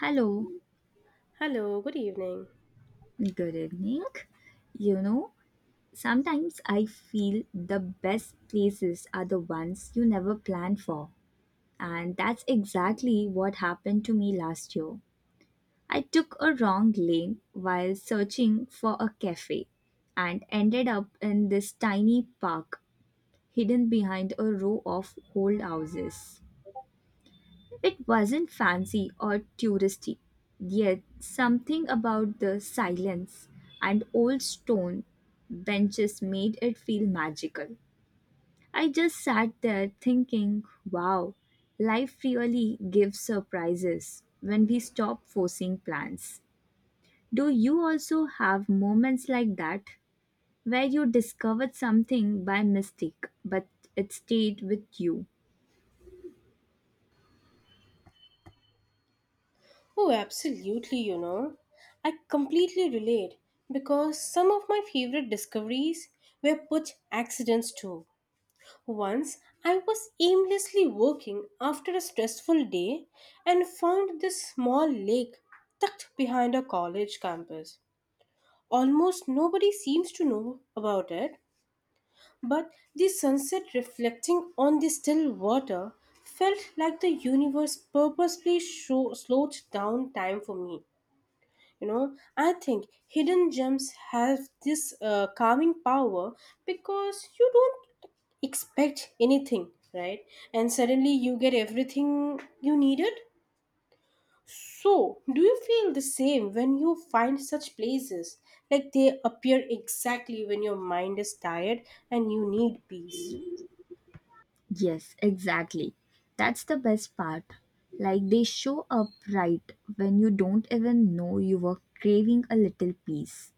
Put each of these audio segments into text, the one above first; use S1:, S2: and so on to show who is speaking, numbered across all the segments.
S1: Hello,
S2: Hello, good evening.
S1: good evening. You know, sometimes I feel the best places are the ones you never plan for. And that's exactly what happened to me last year. I took a wrong lane while searching for a cafe and ended up in this tiny park hidden behind a row of old houses. It wasn't fancy or touristy, yet something about the silence and old stone benches made it feel magical. I just sat there thinking, wow, life really gives surprises when we stop forcing plans. Do you also have moments like that where you discovered something by mistake but it stayed with you?
S2: Oh, absolutely, you know. I completely relate because some of my favorite discoveries were put accidents too. Once I was aimlessly working after a stressful day and found this small lake tucked behind a college campus. Almost nobody seems to know about it, but the sunset reflecting on the still water felt like the universe purposely slowed down time for me. You know, I think hidden gems have this calming power because you don't expect anything, right? And suddenly you get everything you needed. So, do you feel the same when you find such places? Like they appear exactly when your mind is tired and you need peace.
S1: Yes, exactly. That's the best part. Like they show up right when you don't even know you were craving a little piece.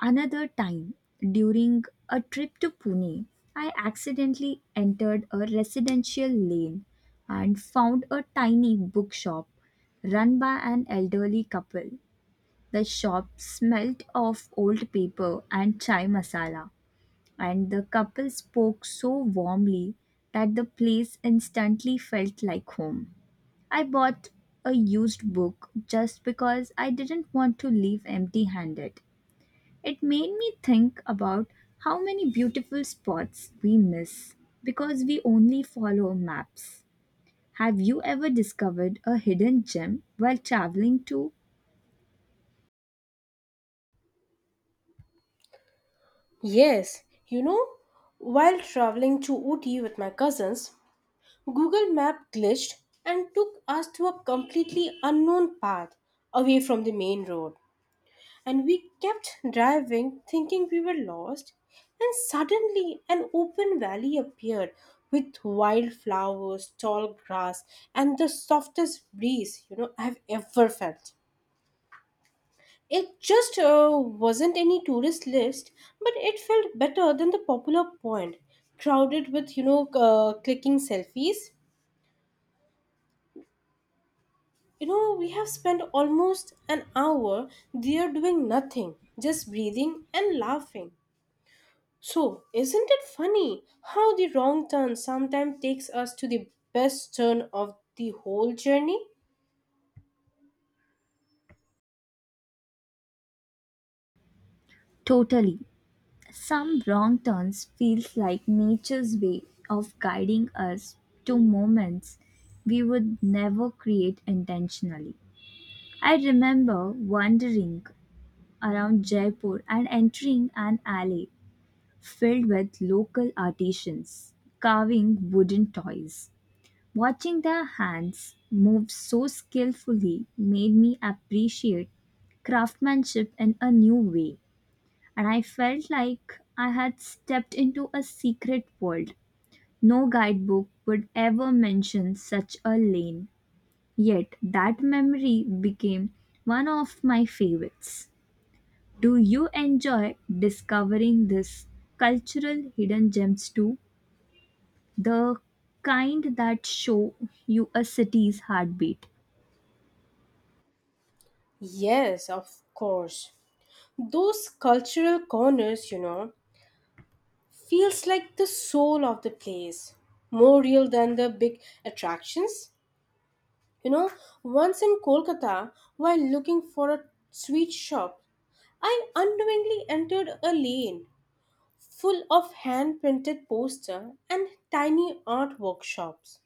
S1: Another time, during a trip to Pune, I accidentally entered a residential lane and found a tiny bookshop run by an elderly couple. The shop smelt of old paper and chai masala and the couple spoke so warmly that the place instantly felt like home. I bought a used book just because I didn't want to leave empty handed. It made me think about how many beautiful spots we miss because we only follow maps. Have you ever discovered a hidden gem while traveling to?
S2: Yes, you know, while traveling to Ooty with my cousins, Google Map glitched and took us to a completely unknown path away from the main road. And we kept driving thinking we were lost, and suddenly an open valley appeared with wildflowers, tall grass, and the softest breeze you know I've ever felt. It just wasn't any tourist list, but it felt better than the popular point, crowded with, you know, clicking selfies. You know, we have spent almost an hour there doing nothing, just breathing and laughing. So, isn't it funny how the wrong turn sometimes takes us to the best turn of the whole journey?
S1: Totally. Some wrong turns feels like nature's way of guiding us to moments we would never create intentionally. I remember wandering around Jaipur and entering an alley filled with local artisans carving wooden toys. Watching their hands move so skillfully made me appreciate craftsmanship in a new way and I felt like I had stepped into a secret world. No guidebook would ever mention such a lane, yet that memory became one of my favorites. Do you enjoy discovering these cultural hidden gems too? The kind that show you a city's heartbeat.
S2: Yes, of course. Those cultural corners, you know, feels like the soul of the place, more real than the big attractions. You know, once in Kolkata, while looking for a sweet shop, I unknowingly entered a lane full of hand printed poster and tiny art workshops.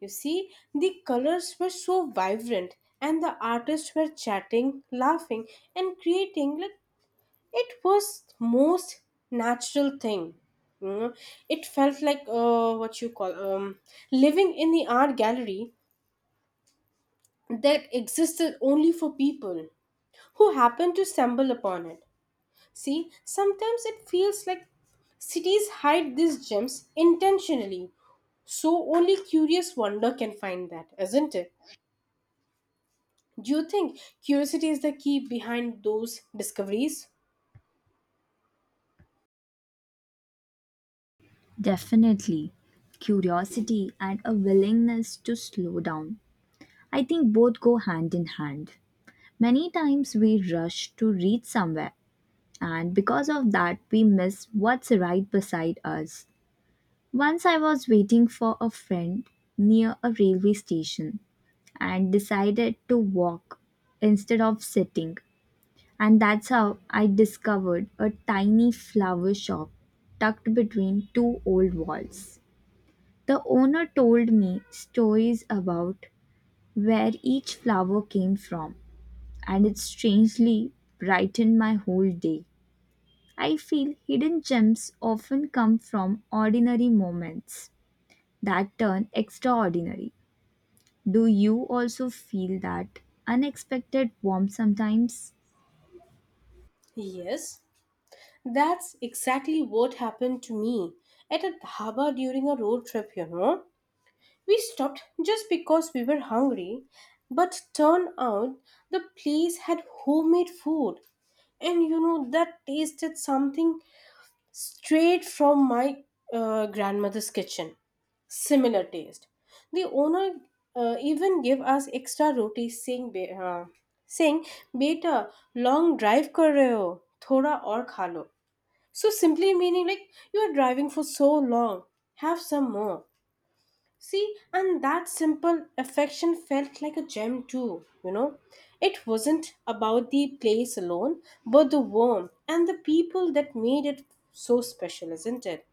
S2: You see, the colors were so vibrant and the artists were chatting, laughing and creating like it was most natural thing, you know. It felt like what you call living in the art gallery that existed only for people who happened to stumble upon it. See, sometimes it feels like cities hide these gems intentionally so only curious wonder can find that, isn't it? Do you think curiosity is the key behind those discoveries?
S1: Definitely. Curiosity and a willingness to slow down. I think both go hand in hand. Many times we rush to reach somewhere, and because of that, we miss what's right beside us. Once I was waiting for a friend near a railway station and decided to walk instead of sitting, and that's how I discovered a tiny flower shop tucked between two old walls. The owner told me stories about where each flower came from and it strangely brightened my whole day. I feel hidden gems often come from ordinary moments that turn extraordinary. Do you also feel that unexpected warmth sometimes?
S2: Yes, that's exactly what happened to me at a dhaba during a road trip, you know. We stopped just because we were hungry, but turned out the place had homemade food. And you know, that tasted something straight from my grandmother's kitchen. Similar taste. The owner even gave us extra roti, saying, saying, Beta, long drive kar rahe ho, thoda aur khalo. So simply meaning like, you are driving for so long, have some more. See, and that simple affection felt like a gem too, you know. It wasn't about the place alone, but the warmth and the people that made it so special, isn't it?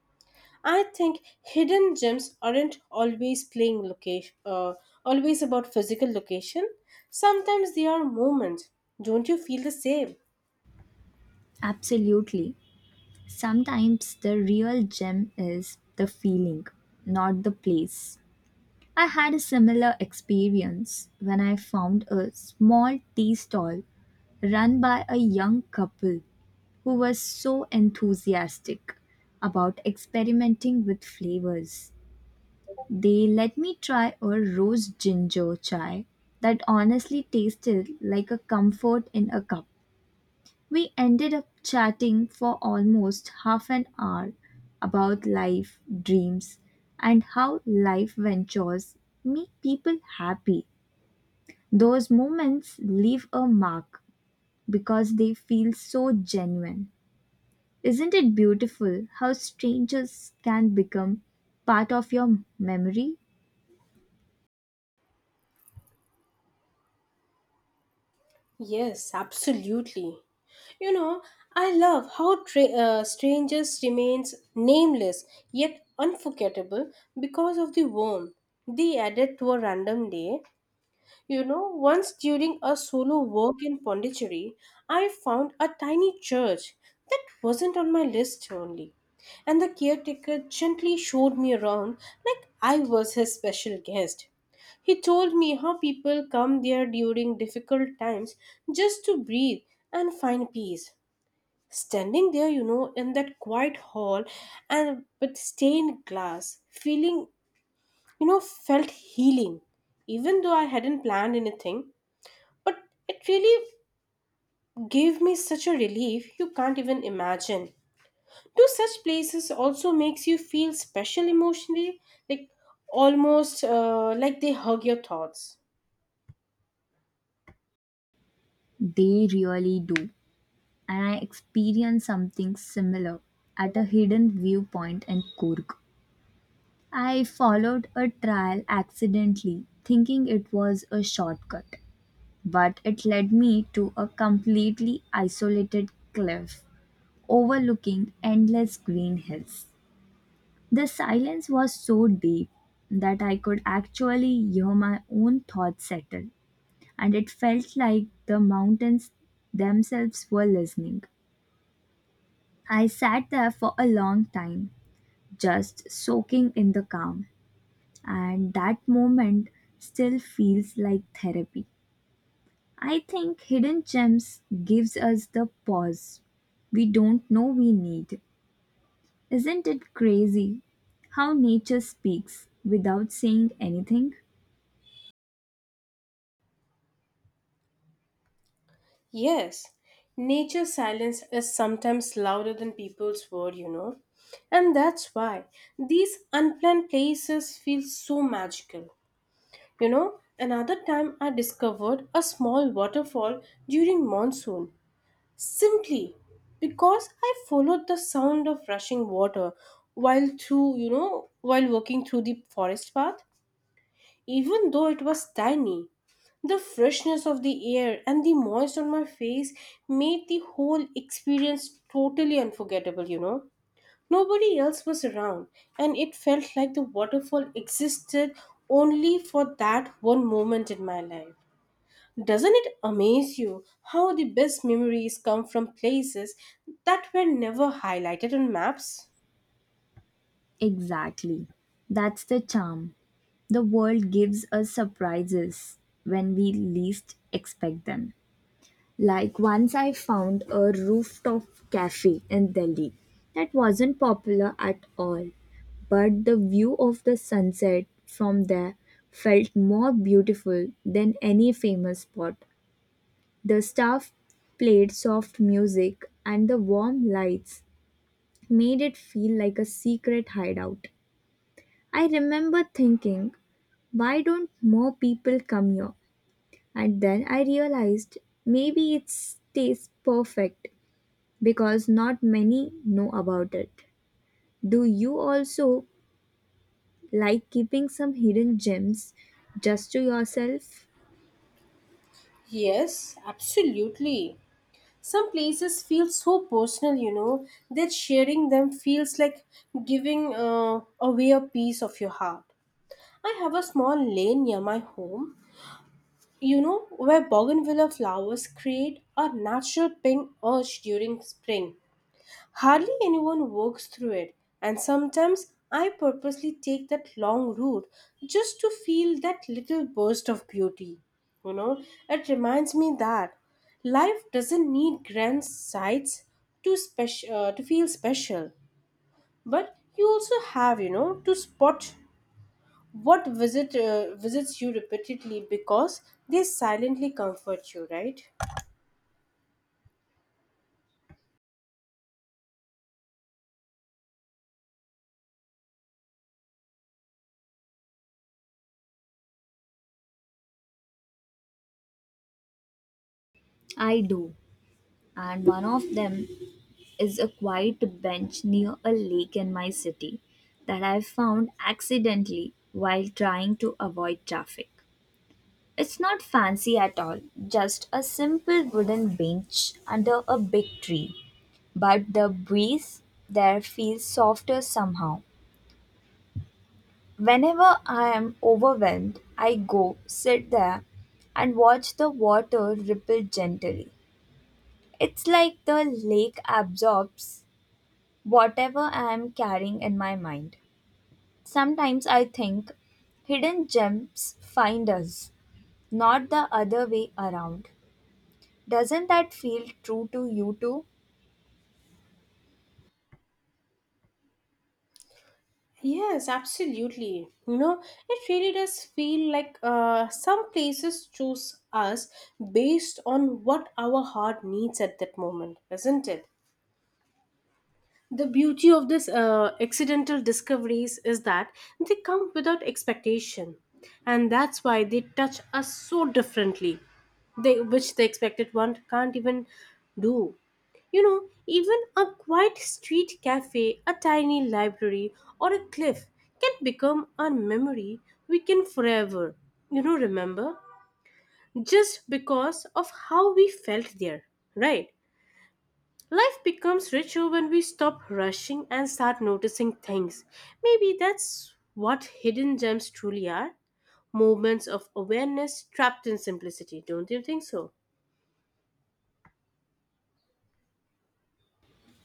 S2: I think hidden gems aren't always about physical location. Sometimes they are moments. Don't you feel the same?
S1: Absolutely. Sometimes the real gem is the feeling, not the place. I had a similar experience when I found a small tea stall run by a young couple who was so enthusiastic about experimenting with flavors. They let me try a rose ginger chai that honestly tasted like a comfort in a cup. We ended up chatting for almost half an hour about life, dreams, and how life ventures make people happy. Those moments leave a mark because they feel so genuine. Isn't it beautiful how strangers can become part of your memory?
S2: Yes, absolutely. You know, I love how strangers remains nameless yet unforgettable because of the warmth they added to a random day. You know, once during a solo walk in Pondicherry, I found a tiny church that wasn't on my list only. And the caretaker gently showed me around like I was his special guest. He told me how people come there during difficult times just to breathe and find peace. Standing there, you know, in that quiet hall and with stained glass, feeling, you know, felt healing. Even though I hadn't planned anything, but it really gave me such a relief you can't even imagine. Do such places also makes you feel special emotionally, like almost like they hug your thoughts?
S1: They really do. And I experienced something similar at a hidden viewpoint in Kurg. I followed a trail accidentally, thinking it was a shortcut, but it led me to a completely isolated cliff overlooking endless green hills. The silence was so deep that I could actually hear my own thoughts settle, and it felt like the mountains themselves were listening. I sat there for a long time, just soaking in the calm, and that moment still feels like therapy. I think hidden gems gives us the pause we don't know we need. Isn't it crazy how nature speaks without saying anything?
S2: Yes, nature's silence is sometimes louder than people's word, you know. And that's why these unplanned places feel so magical. You know, another time I discovered a small waterfall during monsoon simply because I followed the sound of rushing water while walking through the forest path. Even though it was tiny, the freshness of the air and the moist on my face made the whole experience totally unforgettable, you know. Nobody else was around, and it felt like the waterfall existed only for that one moment in my life. Doesn't it amaze you how the best memories come from places that were never highlighted on maps?
S1: Exactly. That's the charm. The world gives us surprises when we least expect them. Like once I found a rooftop cafe in Delhi that wasn't popular at all, but the view of the sunset from there felt more beautiful than any famous spot. The staff played soft music and the warm lights made it feel like a secret hideout. I remember thinking, why don't more people come here? And then I realized maybe it tastes perfect because not many know about it. Do you also like keeping some hidden gems just to yourself?
S2: Yes, absolutely. Some places feel so personal, you know, that sharing them feels like giving away a piece of your heart. I have a small lane near my home, you know, where bougainvillea flowers create a natural pink urge during spring. Hardly anyone walks through it, and sometimes I purposely take that long route just to feel that little burst of beauty. You know, it reminds me that life doesn't need grand sights to feel special, but you also have, you know, to spot what visits you repeatedly because they silently comfort you, right?
S1: I do, and one of them is a quiet bench near a lake in my city that I found accidentally while trying to avoid traffic. It's not fancy at all, just a simple wooden bench under a big tree. But the breeze there feels softer somehow. Whenever I am overwhelmed, I go sit there and watch the water ripple gently. It's like the lake absorbs whatever I am carrying in my mind. Sometimes I think hidden gems find us, not the other way around. Doesn't that feel true to you too?
S2: Yes, absolutely. You know, it really does feel like some places choose us based on what our heart needs at that moment, isn't it? The beauty of these accidental discoveries is that they come without expectation, and that's why they touch us so differently, they, which the expected one can't even do. You know, even a quiet street cafe, a tiny library, or a cliff can become a memory we can forever, you know, remember just because of how we felt there, right? Life becomes richer when we stop rushing and start noticing things. Maybe that's what hidden gems truly are, moments of awareness trapped in simplicity, don't you think so?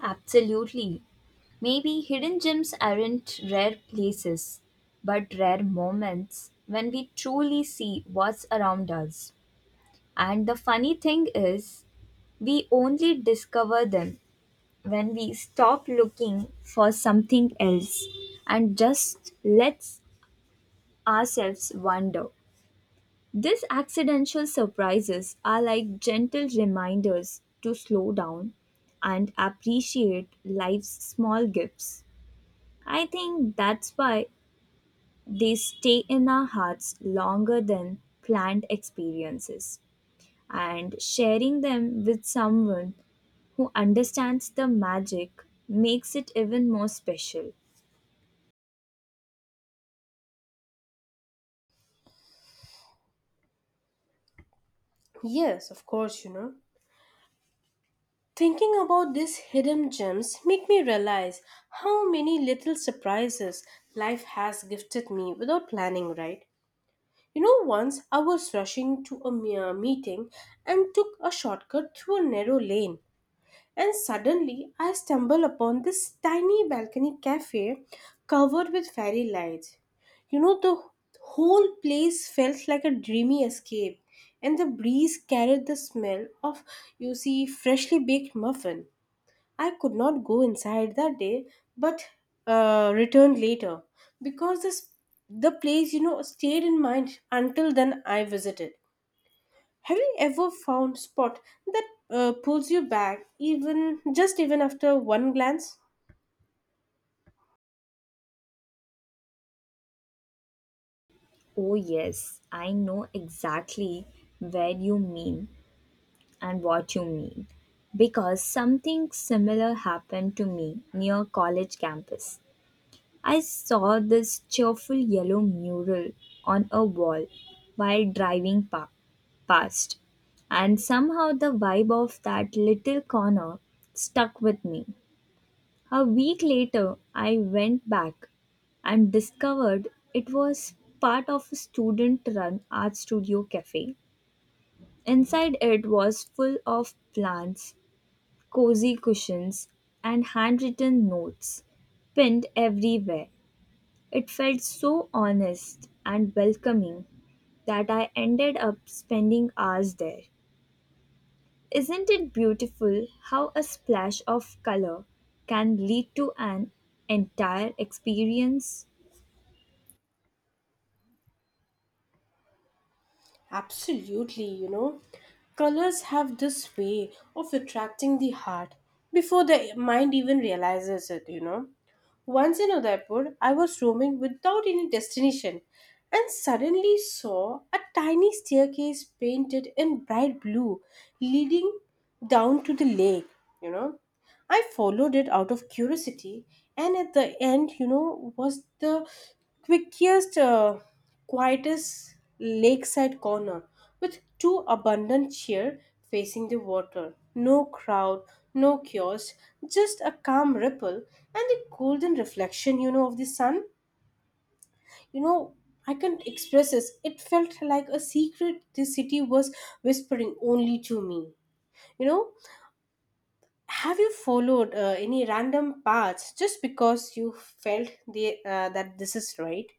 S1: Absolutely. Maybe hidden gems aren't rare places, but rare moments when we truly see what's around us. And the funny thing is, we only discover them when we stop looking for something else and just let ourselves wander. These accidental surprises are like gentle reminders to slow down and appreciate life's small gifts. I think that's why they stay in our hearts longer than planned experiences. And sharing them with someone who understands the magic makes it even more special.
S2: Yes, of course, you know. Thinking about these hidden gems make me realize how many little surprises life has gifted me without planning, right? You know, once I was rushing to a mere meeting and took a shortcut through a narrow lane. And suddenly I stumble upon this tiny balcony cafe covered with fairy lights. You know, the whole place felt like a dreamy escape, and the breeze carried the smell of, you see, freshly baked muffin. I could not go inside that day, but returned later because this the place you know stayed in mind until then I visited. Have you ever found spot that pulls you back even after one glance?
S1: Oh, yes, I know exactly where you mean and what you mean, because something similar happened to me near college campus. I saw this cheerful yellow mural on a wall while past, and somehow the vibe of that little corner stuck with me. A week later, I went back and discovered it was part of a student run art studio cafe. Inside it was full of plants, cozy cushions, and handwritten notes pinned everywhere. It felt so honest and welcoming that I ended up spending hours there. Isn't it beautiful how a splash of color can lead to an entire experience?
S2: Absolutely, you know. Colors have this way of attracting the heart before the mind even realizes it, you know. Once in Udaipur, I was roaming without any destination and suddenly saw a tiny staircase painted in bright blue leading down to the lake, you know. I followed it out of curiosity, and at the end, you know, was the quickest, uh, quietest lakeside corner with two abundant chairs facing the water. No crowd, no kiosk, just a calm ripple and the golden reflection, you know, of the sun. You know, I can't express this. It felt like a secret the city was whispering only to me. You know, have you followed any random paths just because you felt that this is right?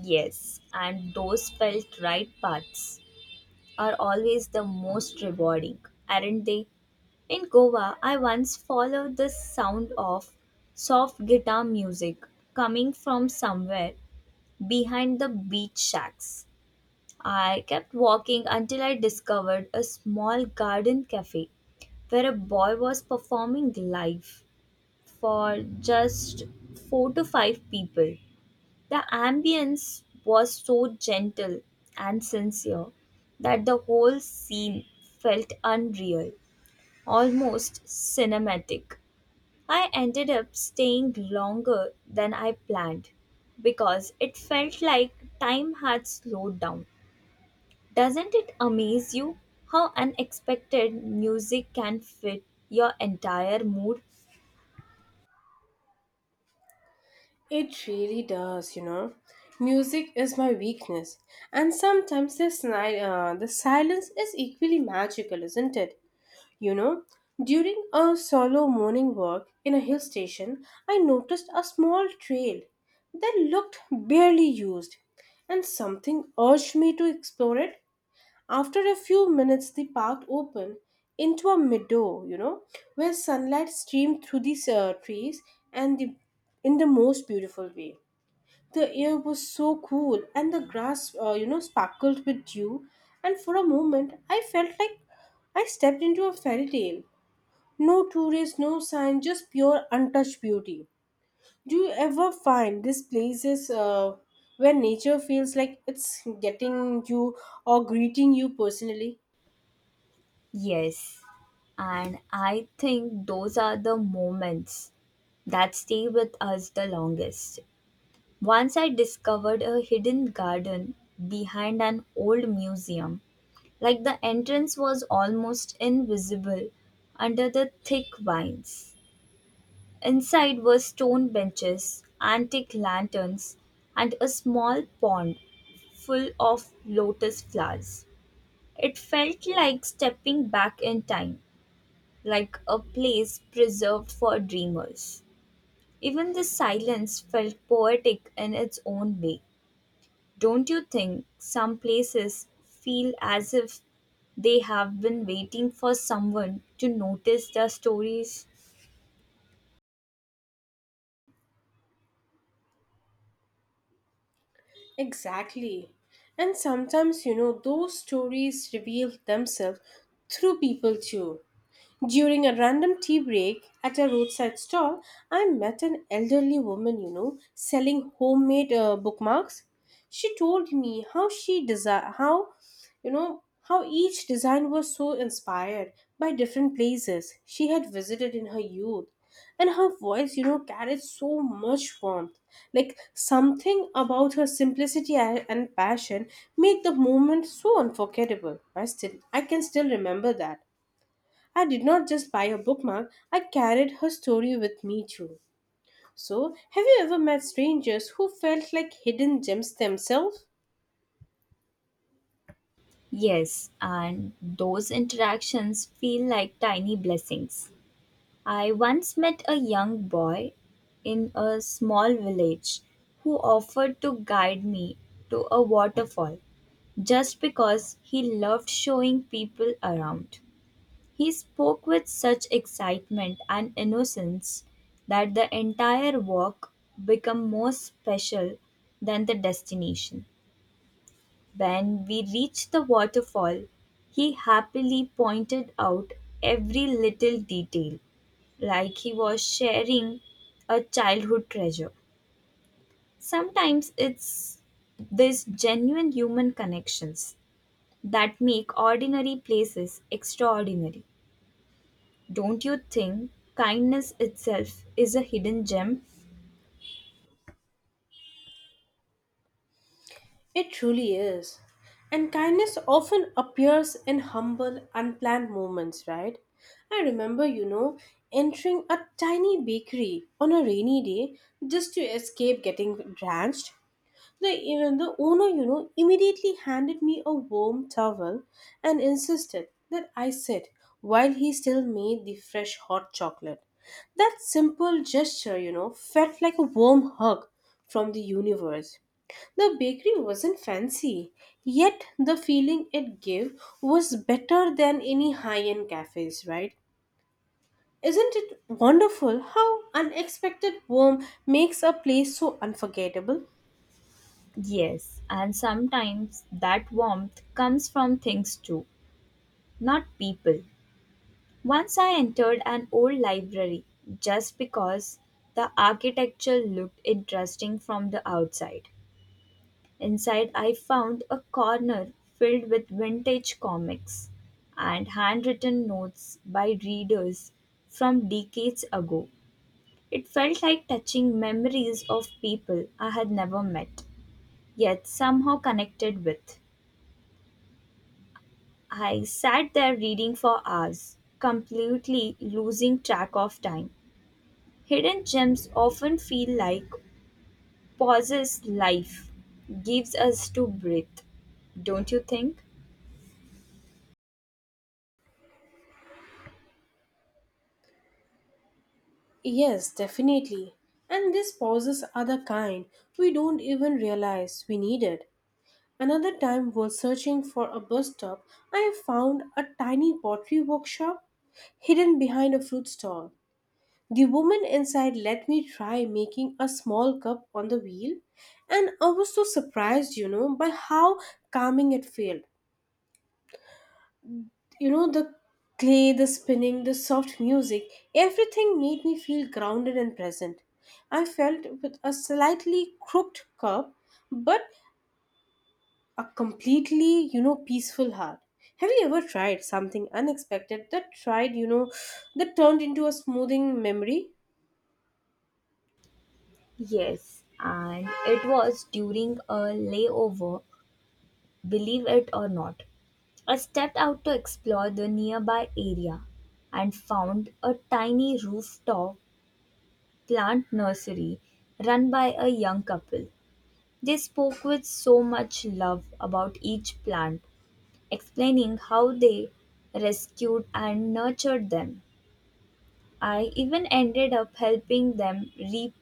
S1: Yes, and those felt right parts are always the most rewarding, aren't they? In Goa, I once followed the sound of soft guitar music coming from somewhere behind the beach shacks. I kept walking until I discovered a small garden cafe where a boy was performing live for just 4 to 5 people. The ambience was so gentle and sincere that the whole scene felt unreal, almost cinematic. I ended up staying longer than I planned because it felt like time had slowed down. Doesn't it amaze you how unexpected music can fit your entire mood?
S2: It really does, you know. Music is my weakness, and sometimes the silence is equally magical, isn't it? You know, during a solo morning walk in a hill station, I noticed a small trail that looked barely used, and something urged me to explore it. After a few minutes, the path opened into a meadow, you know, where sunlight streamed through the trees and the, in the most beautiful way. The air was so cool, and the grass, you know, sparkled with dew. And for a moment, I felt like I stepped into a fairy tale. No tourists, no sign, just pure untouched beauty. Do you ever find these places where nature feels like it's getting you or greeting you personally?
S1: Yes. And I think those are the moments that stay with us the longest. Once I discovered a hidden garden behind an old museum. Like the entrance was almost invisible under the thick vines. Inside were stone benches, antique lanterns, and a small pond full of lotus flowers. It felt like stepping back in time, like a place preserved for dreamers. Even the silence felt poetic in its own way. Don't you think some places feel as if they have been waiting for someone to notice their stories?
S2: Exactly. And sometimes, you know, those stories reveal themselves through people too. During a random tea break at a roadside stall, I met an elderly woman, you know, selling homemade bookmarks. She told me how she desi- how you know how each design was so inspired by different places she had visited in her youth, and her voice, you know, carried so much warmth, like something about her simplicity and passion made the moment so unforgettable. I can still remember that. I did not just buy her bookmark, I carried her story with me too. So, have you ever met strangers who felt like hidden gems themselves?
S1: Yes, and those interactions feel like tiny blessings. I once met a young boy in a small village who offered to guide me to a waterfall just because he loved showing people around. He spoke with such excitement and innocence that the entire walk became more special than the destination. When we reached the waterfall, he happily pointed out every little detail like he was sharing a childhood treasure. Sometimes it's these genuine human connections that make ordinary places extraordinary. Don't you think kindness itself is a hidden gem?
S2: It truly is. And kindness often appears in humble, unplanned moments, right? I remember, you know, entering a tiny bakery on a rainy day just to escape getting drenched. Even the owner, you know, immediately handed me a warm towel and insisted that I sit while he still made the fresh hot chocolate. That simple gesture, you know, felt like a warm hug from the universe. The bakery wasn't fancy, yet the feeling it gave was better than any high end cafes, right? Isn't it wonderful how unexpected warmth makes a place so unforgettable?
S1: Yes, and sometimes that warmth comes from things too, not people. Once I entered an old library just because the architecture looked interesting from the outside. Inside, I found a corner filled with vintage comics and handwritten notes by readers from decades ago. It felt like touching memories of people I had never met, yet somehow connected with. I sat there reading for hours, completely losing track of time. Hidden gems often feel like pauses life gives us to breathe, don't you think?
S2: Yes, definitely. And these pauses are the kind we don't even realize we needed. Another time, while searching for a bus stop, I found a tiny pottery workshop hidden behind a fruit stall. The woman inside let me try making a small cup on the wheel, and I was so surprised, you know, by how calming it felt. You know, the clay, the spinning, the soft music, everything made me feel grounded and present. I felt with a slightly crooked cup, but a completely, you know, peaceful heart. Have you ever tried something unexpected that tried you know that turned into a smoothing memory?
S1: Yes, and it was during a layover, believe it or not. I stepped out to explore the nearby area and found a tiny rooftop plant nursery run by a young couple. They spoke with so much love about each plant, explaining how they rescued and nurtured them. I even ended up helping them repot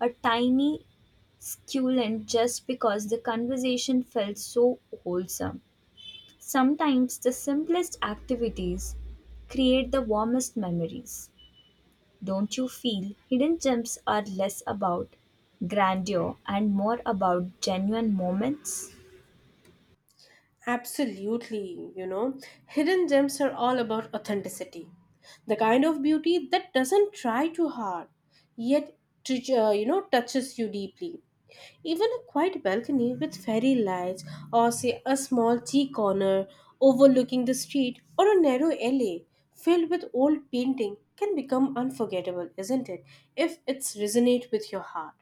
S1: a tiny succulent just because the conversation felt so wholesome. Sometimes the simplest activities create the warmest memories. Don't you feel hidden gems are less about grandeur and more about genuine moments?
S2: Absolutely, you know, hidden gems are all about authenticity. The kind of beauty that doesn't try too hard, yet you know touches you deeply. Even a quiet balcony with fairy lights or say a small tea corner overlooking the street or a narrow alley filled with old painting can become unforgettable, isn't it? If it's resonate with your heart.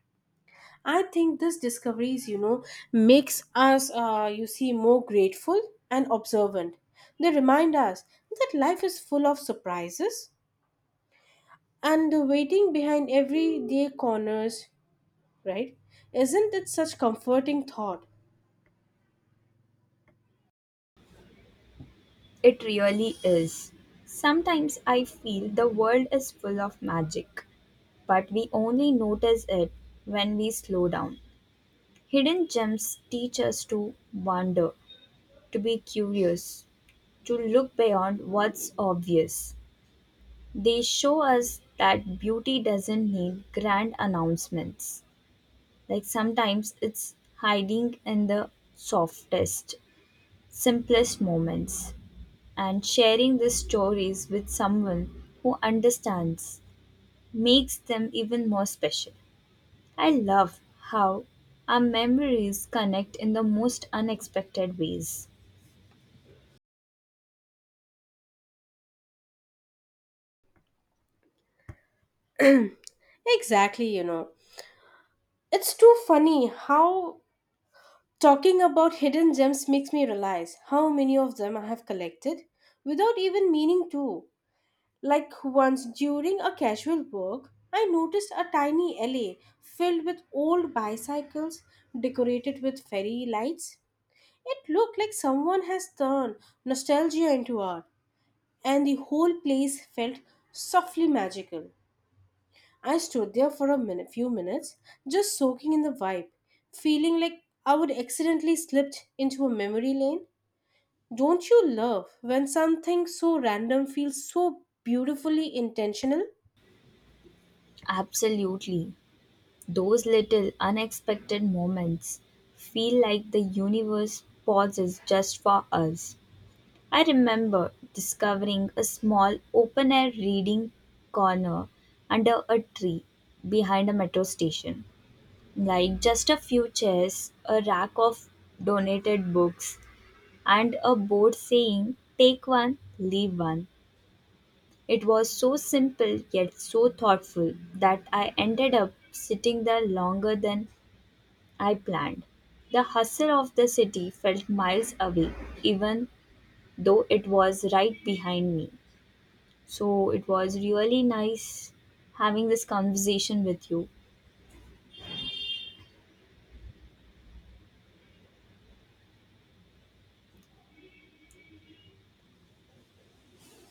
S2: I think this discoveries, you know, makes us, you see, more grateful and observant. They remind us that life is full of surprises and the waiting behind everyday corners, right? Isn't it such comforting thought?
S1: It really is. Sometimes I feel the world is full of magic, but we only notice it when we slow down. Hidden gems teach us to wonder, to be curious, to look beyond what's obvious. They show us that beauty doesn't need grand announcements. Like sometimes it's hiding in the softest, simplest moments. And sharing these stories with someone who understands makes them even more special. I love how our memories connect in the most unexpected ways.
S2: Exactly, you know. It's too funny how talking about hidden gems makes me realize how many of them I have collected without even meaning to. Like once during a casual walk, I noticed a tiny alley filled with old bicycles decorated with fairy lights. It looked like someone has turned nostalgia into art, and the whole place felt softly magical. I stood there for few minutes, just soaking in the vibe, feeling like I would accidentally slipped into a memory lane. Don't you love when something so random feels so beautifully intentional?
S1: Absolutely. Those little unexpected moments feel like the universe pauses just for us. I remember discovering a small open air reading corner under a tree behind a metro station. Like just a few chairs, a rack of donated books, and a board saying, "Take one, leave one." It was so simple yet so thoughtful that I ended up sitting there longer than I planned. The hustle of the city felt miles away, even though it was right behind me. So it was really nice having this conversation with you.